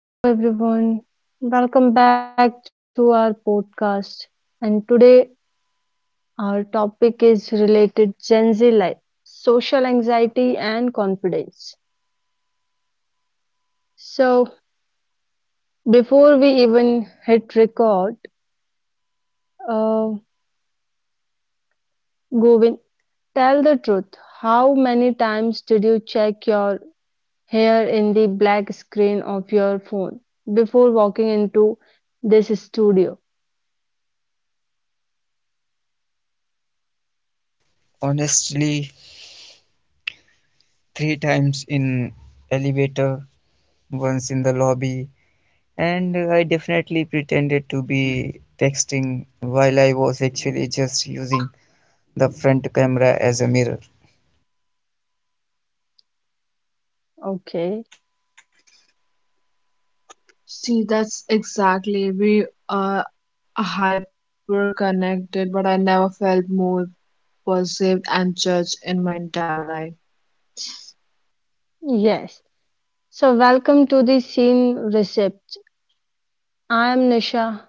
So, hello everyone, welcome back to our podcast. And today, our topic is related Gen Z life, social anxiety, and confidence. So, before we even hit record, uh, Govind, tell the truth. How many times did you check your hair in the black screen of your phone before walking into this studio? Honestly, three times in elevator, once in the lobby, and I definitely pretended to be texting while I was actually just using the front camera as a mirror. Okay, See, that's exactly. We are hyper connected, but I never felt more perceived and judged in my entire life. yes. So, welcome to the Scene Recept. I am Nisha,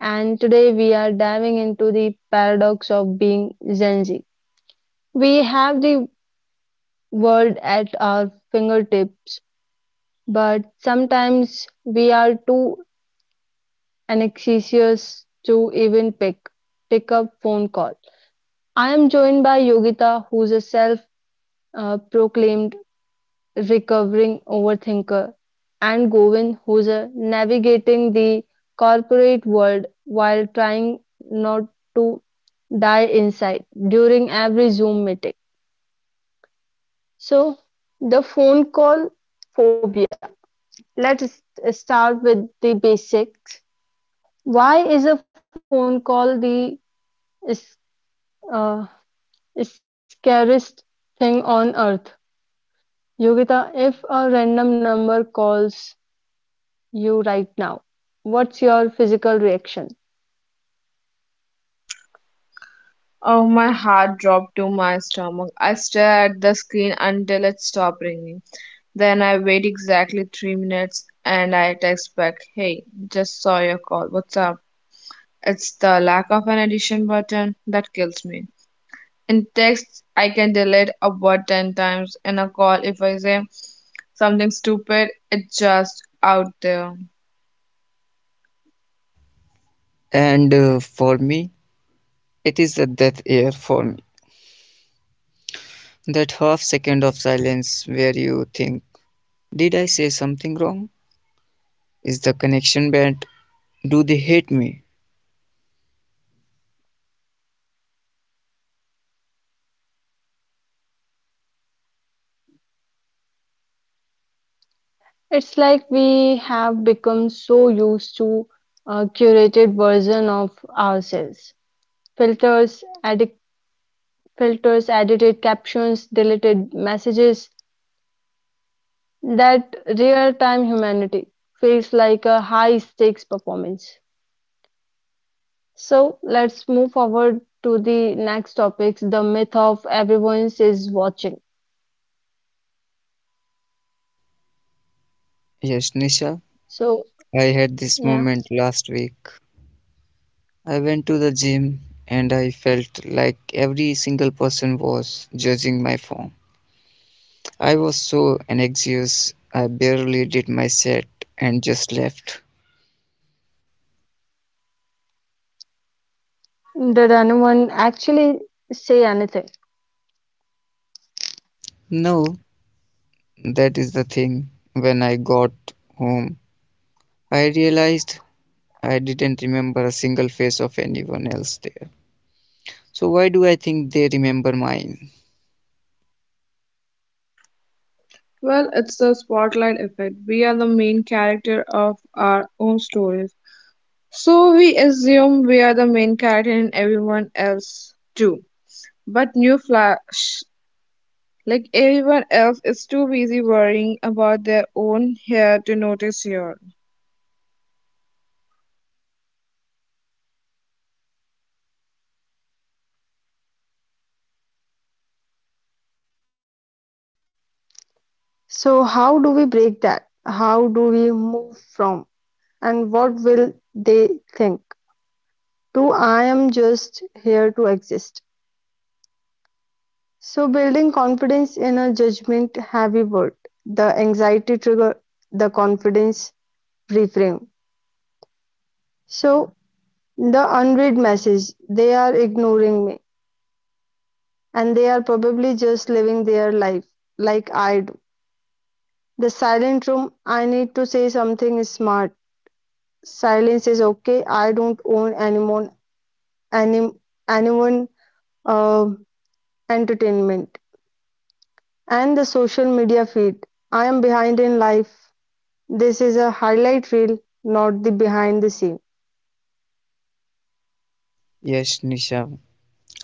and today we are diving into the paradox of being Gen Z. We have the world at our fingertips, but sometimes we are too anxious to even pick up phone call. I am joined by Yogita, who's a self-proclaimed recovering overthinker, and Govind, who's navigating the corporate world while trying not to die inside during every Zoom meeting. So, the phone call phobia. Let's start with the basics. Why is a phone call the uh, scariest thing on earth? Yogita, if a random number calls you right now? What's your physical reaction? Oh, my heart dropped to my stomach. I stared at the screen until it stopped ringing. Then I wait exactly 3 minutes and I text back, "Hey, just saw your call. What's up?" It's the lack of an addition button that kills me. In text, I can delete a word 10 times. In a call, if I say something stupid, it's just out there. And For me, it is a death air for me. That half second of silence where you think, did I say something wrong? Is the connection bad? Do they hate me? It's like we have become so used to a curated version of ourselves. Filters, edit, filters, edited captions, deleted messages. That real-time humanity feels like a high-stakes performance. So let's move forward to the next topics, the myth of everyone is watching. Yes, Nisha. So, I had this moment yeah, last week. I went to the gym and I felt like every single person was judging my form. I was so anxious, I barely did my set and just left. did anyone actually say anything? No, that is the thing. When I got home, I realized I didn't remember a single face of anyone else there. So, why do I think they remember mine? Well, it's the spotlight effect. We are the main character of our own stories, so we assume we are the main character in everyone else too. But new flash, like, everyone else is too busy worrying about their own hair to notice here. So, how do we break that? How do we move from? And what will they think? To I am just here to exist. So, building confidence in a judgment heavy world, the anxiety trigger, the confidence reframe. So, the unread message they are ignoring me, and they are probably just living their life like I do. The silent room I need to say something smart. Silence is okay. I don't own anyone, any, anyone uh, entertainment and the social media feed. I am behind in life. This is a highlight reel, not the behind the scene. Yes, Nisha,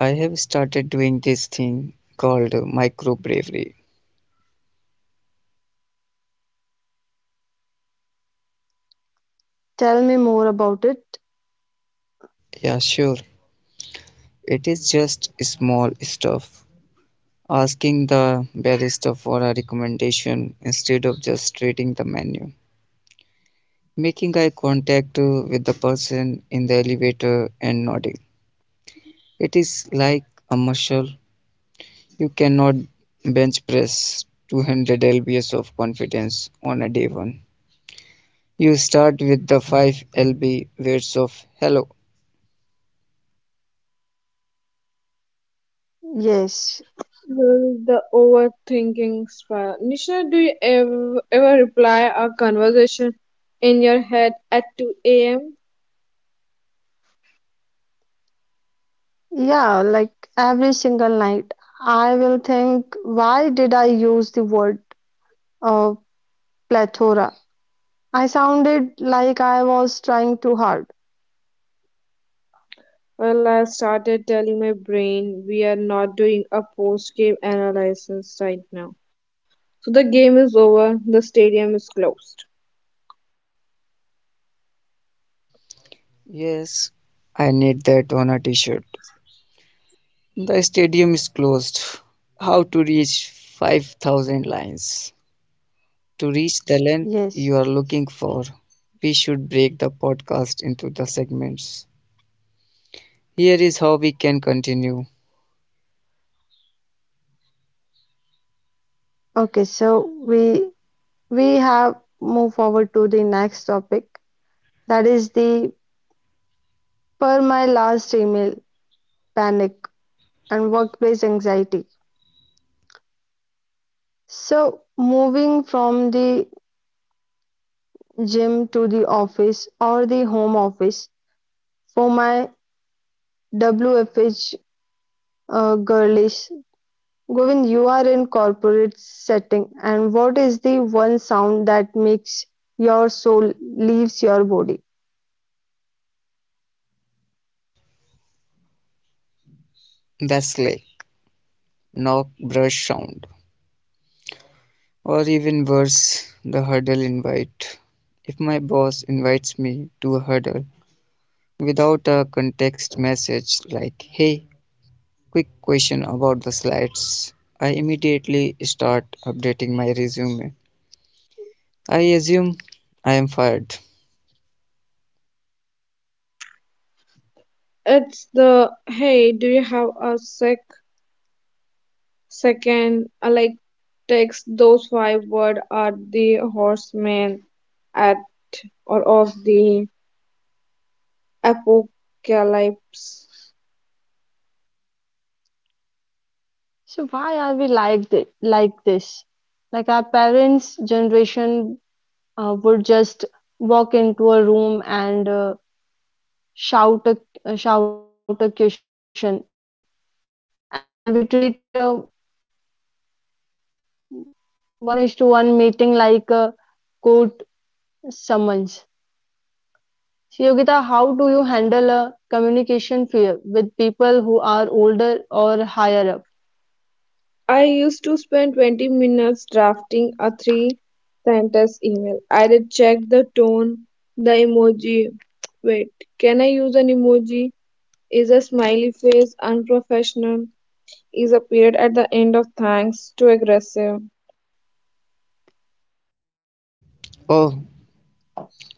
I have started doing this thing called micro bravery. Tell me more about it. Yeah, sure. It is just small stuff. Asking the barista for a recommendation instead of just reading the menu. Making eye contact with the person in the elevator and nodding. It is like a muscle. You cannot bench press 200 lb of confidence on a day one. You start with the 5 lb weights of hello. Yes. Well, the overthinking spiral. Nisha, do you ever reply a conversation in your head at 2 a.m.? Yeah, like every single night, I will think, why did I use the word uh, plethora? I sounded like I was trying too hard. Well, I started telling my brain we are not doing a post game analysis right now. So the game is over, the stadium is closed. Yes, I need that on a t shirt. The stadium is closed. How to reach 5,000 lines? To reach the length Yes. you are looking for, we should break the podcast into the segments. Here is how we can continue Okay, so we have moved forward to the next topic, that is the per my last email panic and workplace anxiety. So moving from the gym to the office or the home office, for my wfh girlish. Govind, you are in corporate setting, and what is the one sound that makes your soul leaves your body? the sleigh, knock, brush sound, or even worse, the hurdle invite. If my boss invites me to a hurdle without a context message like, hey, quick question about the slides, I immediately start updating my resume. I assume I am fired. It's the, "Hey, do you have a second? I like text those five words are the horsemen at or of the apocalypse. So why are we like like this? Like our parents' generation would just walk into a room and shout a shout a question, and we treat a one is to one meeting like a court summons. So Yogita, how do you handle a communication fear with people who are older or higher I up? used to spend 20 minutes drafting a three sentence email. I did check the tone, the emoji. Wait, can I use an emoji? Is a smiley face unprofessional? Is a period at the end of thanks too aggressive? Oh,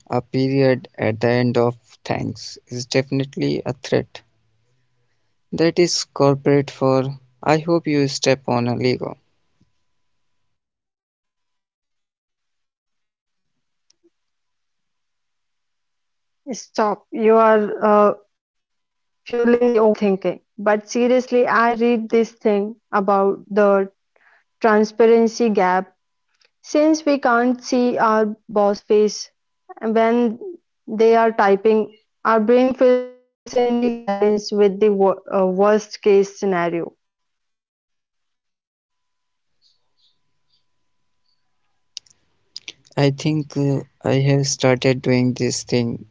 a period at the end of thanks is definitely a threat. That is corporate for I hope you step on a Lego. Stop. You are fueling the overthinking. But seriously, I read this thing about the transparency gap, since we can't see our boss face when they are typing, our brain fills in the silence with the worst case scenario. I think I have started doing this thing.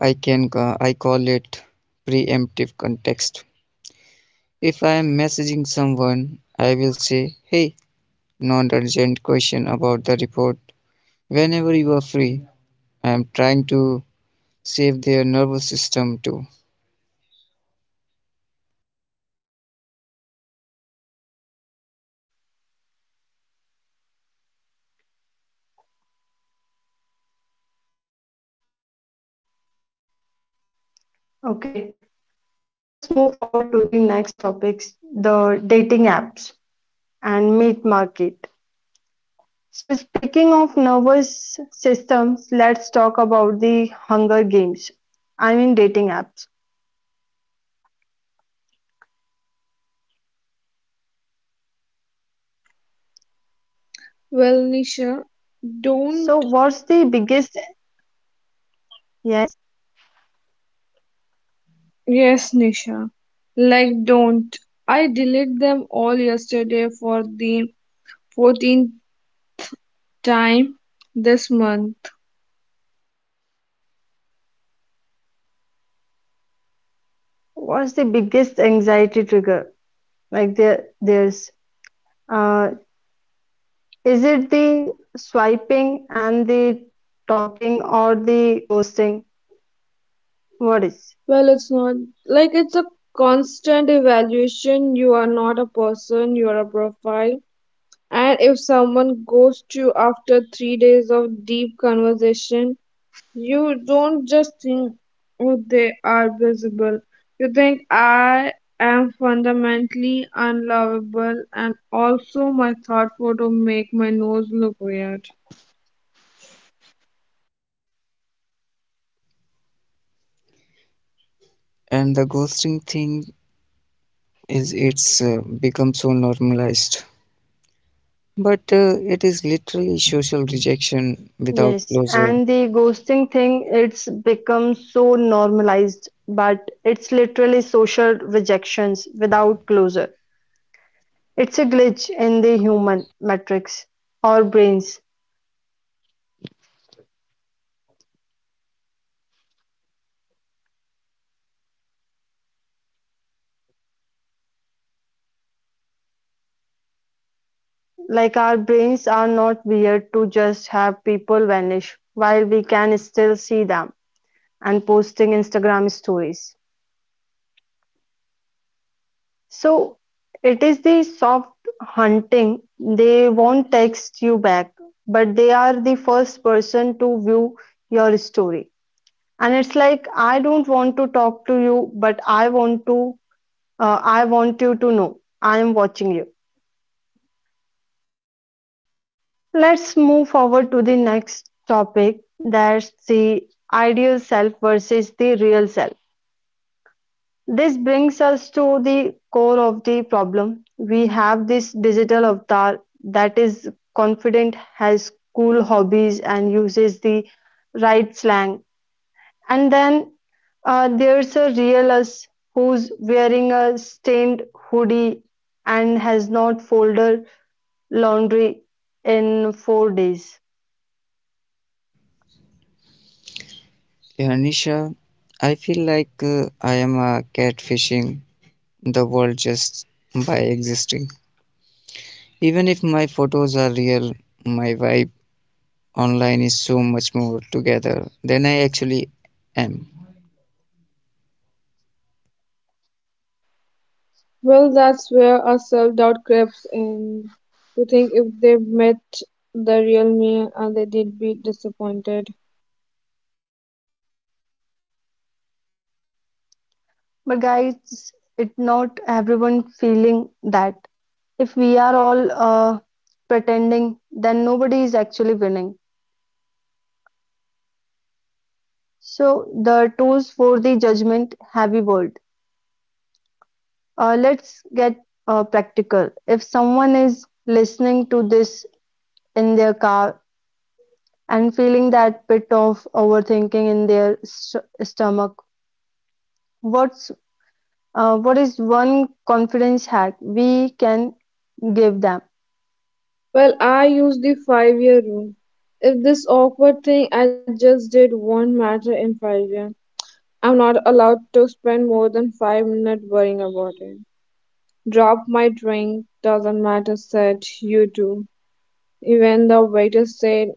I call it preemptive context. If I am messaging someone, I will say, "Hey, non-urgent question about the report. Whenever you are free, I am trying to save their nervous system too." Okay, let's move forward to the next topics, the dating apps and meet market. So speaking of nervous systems, let's talk about the hunger games, I mean dating apps. Well, Nisha, So don't. what's the biggest, yes. Yes, Nisha. Like, don't. I deleted them all yesterday for the 14th time this month. What's the biggest anxiety trigger? Like uh, is it the swiping and the talking or the ghosting? What is? Well, it's not like it's a constant evaluation. You are not a person, you are a profile. And if someone goes to you after 3 days of deep conversation, you don't just think, oh, they are visible. You think, I am fundamentally unlovable, and also my thought photo make my nose look weird. And the ghosting thing is it's become so normalized, but it is literally social rejection without Yes, closure. and the ghosting thing, it's become so normalized, but it's literally social rejections without closure. It's a glitch in the human matrix or brains. Like our brains are not weird to just have people vanish while we can still see them and posting Instagram stories. So it is the soft hunting. They won't text you back, but they are the first person to view your story. And it's like I don't want to talk to you, but I want to. I want you to know I am watching you. Let's move forward to the next topic, that's the ideal self versus the real self. This brings us to the core of the problem. We have this digital avatar that is confident, has cool hobbies, and uses the right slang. And then there's a real us who's wearing a stained hoodie and has not folded laundry in 4 days. Yeah, Nisha, I feel like I am catfishing the world just by existing. Even if my photos are real, my vibe online is so much more together than I actually am. Well, that's where our self-doubt creeps in. To think if they met the real me, and they did be disappointed. But guys, it not everyone feeling that if we are all pretending, then nobody is actually winning. So the tools for the judgment heavy world. Let's get practical. If someone is listening to this in their car and feeling that bit of overthinking in their stomach, what's what is one confidence hack we can give them? Well, I used the five-year rule. If this awkward thing I just did won't matter in 5 years, I'm not allowed to spend more than 5 minutes worrying about it. Drop my drink, doesn't matter, said you do. Even the waiter said,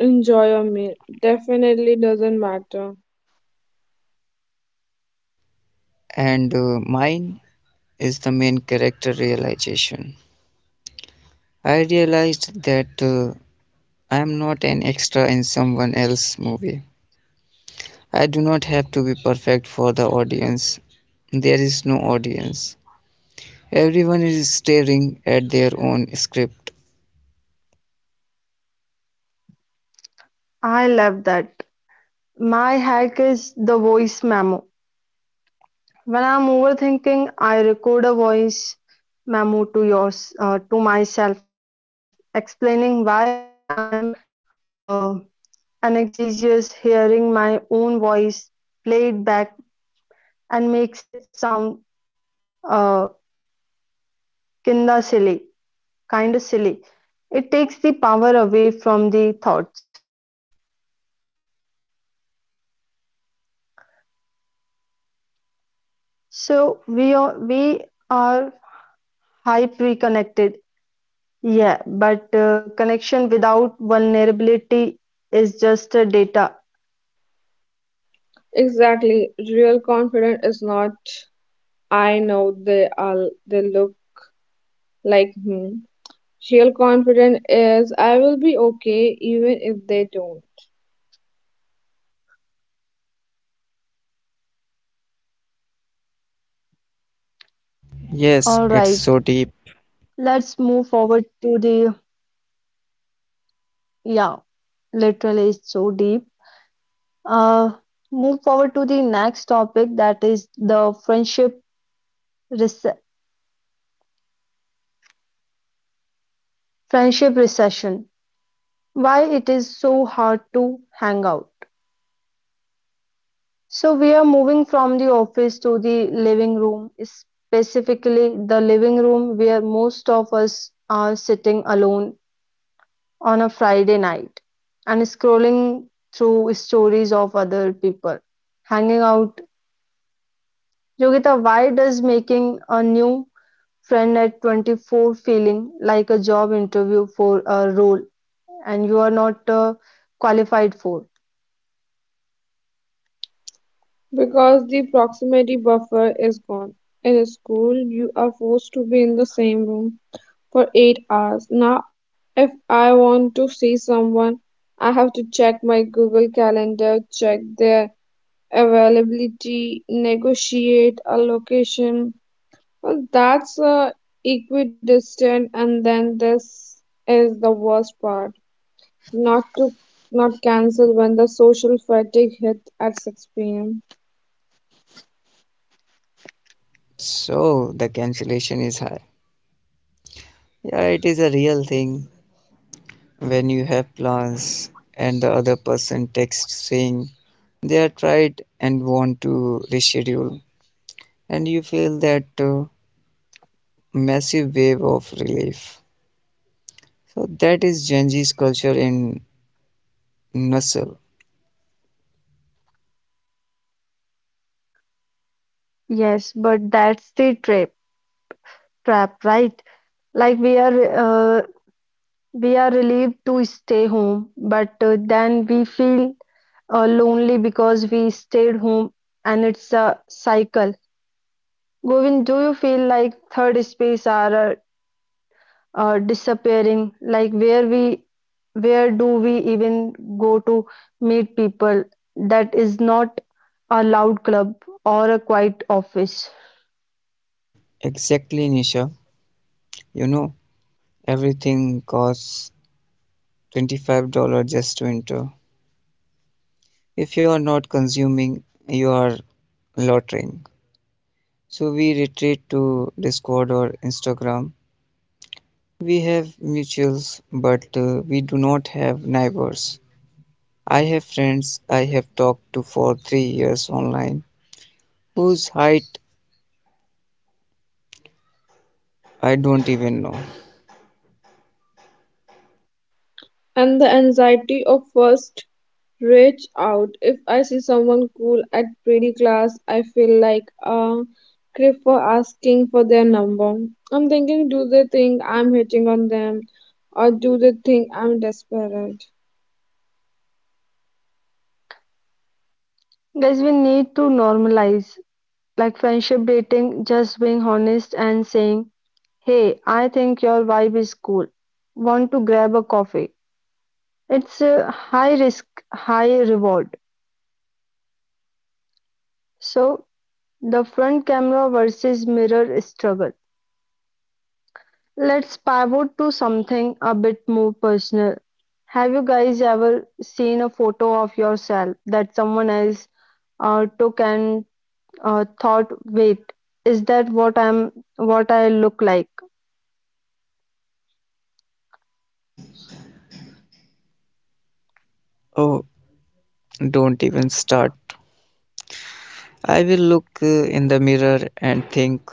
enjoy your meal, definitely doesn't matter. And Mine is the main character realization. I realized that I am not an extra in someone else's movie. I do not have to be perfect for the audience. There is no audience. Everyone is staring at their own script. I love that. My hack is the voice memo. When I'm overthinking, I record a voice memo to yours to myself, explaining why I am uh, anxious, hearing my own voice played back and makes it sound uh, kinda silly, kinda silly. It takes the power away from the thoughts. So we are high pre-connected. Yeah, but connection without vulnerability is just a data. Exactly. Real confidence is not I know they are they look like me. Real confidence is I will be okay even if they don't. Yes, All it's right, so deep. let's move forward to the, yeah, literally it's so deep. Uh, Move forward to the next topic that is the friendship rece friendship recession. Why it is so hard to hang out. So we are moving from the office to the living room, specifically the living room where most of us are sitting alone on a Friday night and scrolling through stories of other people hanging out. Yogita, why does making a new friend at 24 feeling like a job interview for a role and you are not qualified for? Because the proximity buffer is gone. In a school you are forced to be in the same room for 8 hours. Now if I want to see someone I have to check my Google Calendar, check their availability, negotiate a location. Well, that's equidistant, and then this is the worst part. Not to not cancel when the social fatigue hit at 6 p.m. So the cancellation is high. Yeah, it is a real thing. When you have plans and the other person texts saying they are tried and want to reschedule, and you feel that massive wave of relief. So that is Gen Z's culture in Nussel. Yes, but that's the trap, right? Like we are relieved to stay home, but then we feel lonely because we stayed home, and it's a cycle. Govind, do you feel like third space are disappearing? Like where do we even go to meet people? That is not a loud club or a quiet office. Exactly, Nisha. You know, everything costs $25 just to enter. If you are not consuming, you are lottering. So we retreat to Discord or Instagram. We have mutuals, but we do not have neighbors. I have friends I have talked to for 3 years online, whose height I don't even know. And the anxiety of first reach out. If I see someone cool at pretty class, I feel like a creep for asking for their number. I'm thinking, do they think I'm hitting on them, or do they think I'm desperate? Guys, we need to normalize like friendship dating, just being honest and saying, "Hey, I think your vibe is cool. Want to grab a coffee?" It's a high risk, high reward. So the front camera versus mirror struggle. Let's pivot to something a bit more personal. Have you guys ever seen a photo of yourself that someone else took and thought, "Wait, is that what what I look like? Oh, don't even start. I will look in the mirror and think,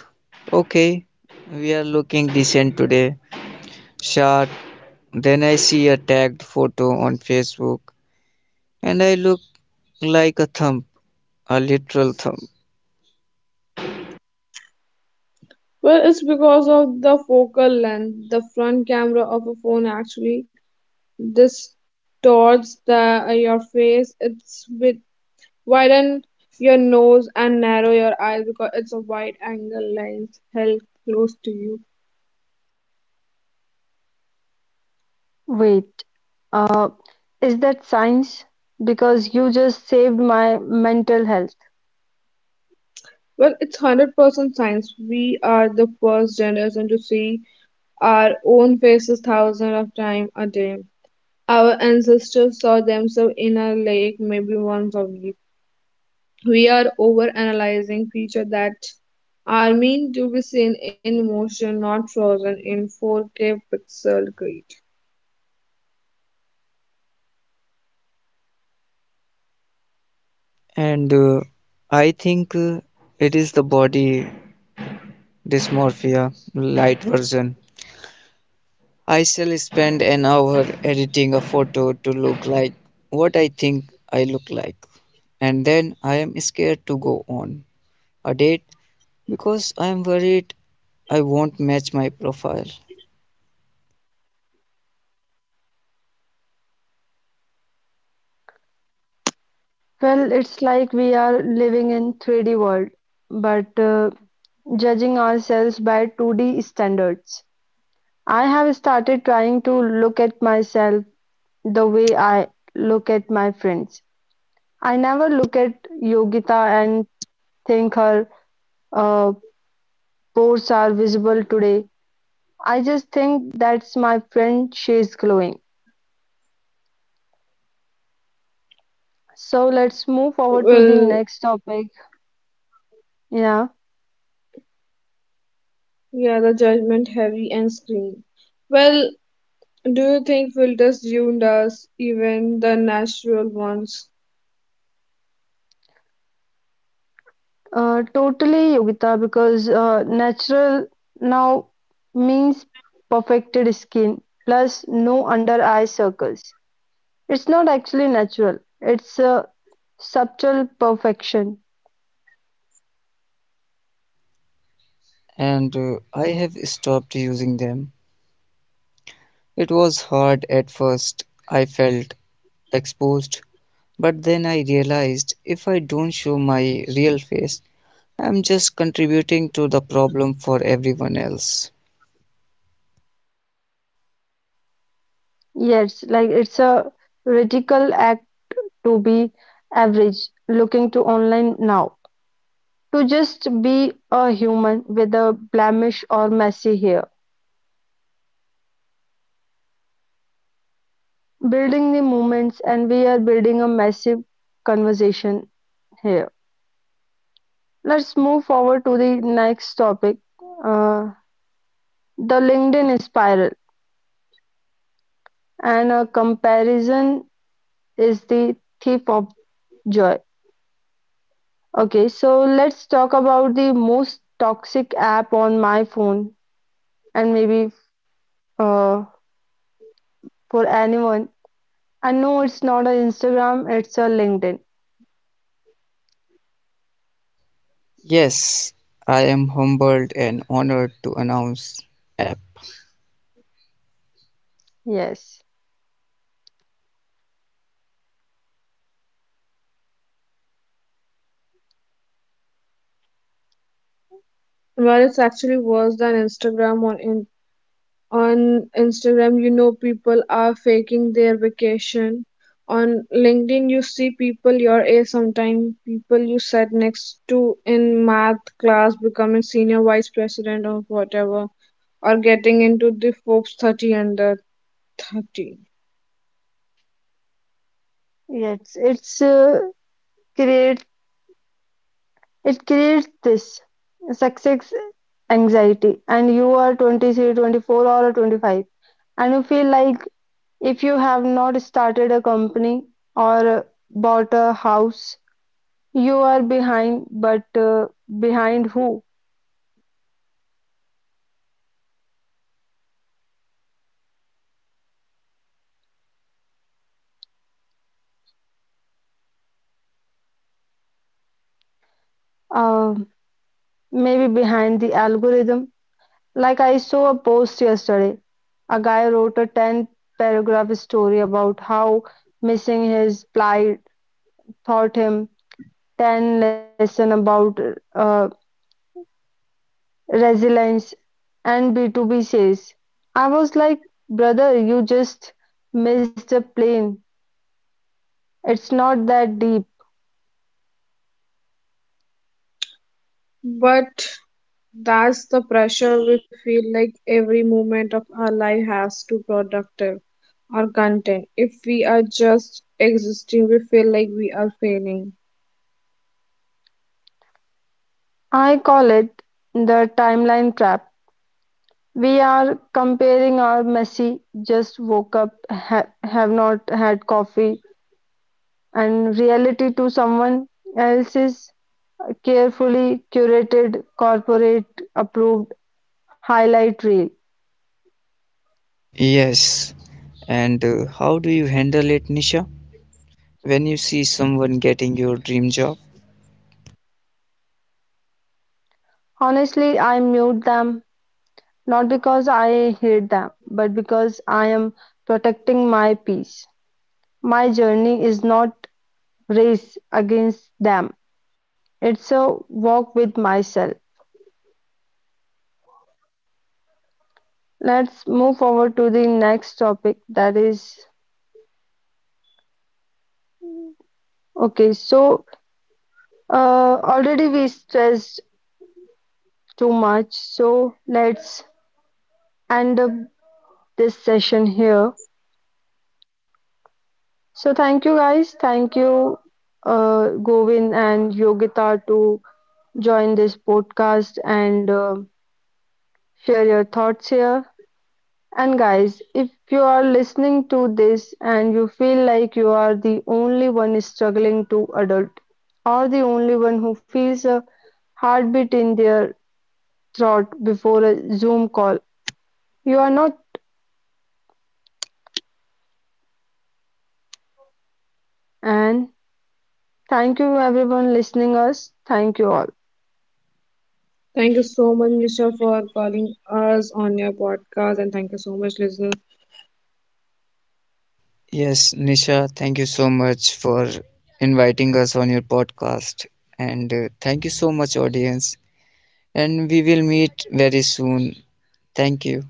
okay, we are looking decent today, sharp. Then I see a tagged photo on Facebook and I look like a thump, a literal thump. Well, it's because of the focal length. The front camera of a phone actually distorts the your face. It's with widen your nose and narrow your eyes because it's a wide angle lens held close to you. Wait, uh, is that science? Because you just saved my mental health." Well, it's 100% science. We are the first generation to see our own faces thousands of times a day. Our ancestors saw themselves in a lake maybe once a week. We are over analyzing features that are meant to be seen in motion, not frozen in 4K pixel grid. And I think it is the body dysmorphia, light version. I shall spend an hour editing a photo to look like what I think I look like. And then I am scared to go on a date because I'm worried I won't match my profile. Well, it's like we are living in 3D world, but judging ourselves by 2D standards. I have started trying to look at myself the way I look at my friends. I never look at Yogita and think her uh, pores are visible today. I just think that's my friend, she's glowing. So let's move forward to Well, the next topic. Yeah, yeah, the judgment heavy and screen. Well, do you think filters ruined us, even the natural ones? Totally Yogita, because natural now means perfected skin plus no under eye circles. It's not actually natural. It's Subtle perfection, And I have stopped using them. It was hard at first. I felt exposed, but then I realized if I don't show my real face, I'm just contributing to the problem for everyone else. yes, like it's a radical act to be average, looking to online now, to just be a human with a blemish or messy hair. Building the movements, and we are building a massive conversation here. Let's move forward to the next topic, uh, the LinkedIn spiral, and a comparison is the thief of joy. Okay, so let's talk about the most toxic app on my phone and maybe uh, for anyone. I know it's not a Instagram, it's a LinkedIn. Yes, I am humbled and honored to announce app. Yes, Well, it's actually worse than Instagram or in on Instagram, you know, people are faking their vacation. On LinkedIn, you see people your age, sometimes people you sat next to in math class becoming senior vice president or whatever, or getting into the Forbes 30 under 30. yes, it's create it creates this success anxiety, and you are 23, 24, or 25, and you feel like if you have not started a company or bought a house, you are behind, but behind who? Uh, Maybe behind the algorithm. Like I saw a post yesterday. A guy wrote a 10 paragraph story about how missing his plight taught him 10 lesson about uh, resilience and B2B sales. I was like, brother, you just missed the plane. It's not that deep. But that's the pressure we feel like every moment of our life has to productive or content. If we are just existing, we feel like we are failing. I call it the timeline trap. We are comparing our messy, just woke up, have not had coffee, and reality to someone else's carefully curated, corporate approved highlight reel. Yes. And How do you handle it, Nisha, when you see someone getting your dream job? Honestly, I mute them not because I hate them, but because I am protecting my peace. My journey is not race against them, it's a walk with myself. Let's move forward to the next topic that is, okay, so already we stressed too much, so let's end up this session here. So thank you guys, thank you Govin and Yogita to join this podcast and share your thoughts here. And guys, if you are listening to this and you feel like you are the only one struggling to adult or the only one who feels a heartbeat in their throat before a Zoom call. You are not. And thank you everyone listening us. Thank you all. Thank you so much, Nisha, for calling us on your podcast, and thank you so much, listener, Yes, Nisha, thank you so much for inviting us on your podcast. And Thank you so much, audience. And we will meet very soon. Thank you.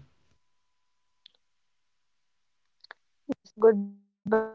Goodbye for today.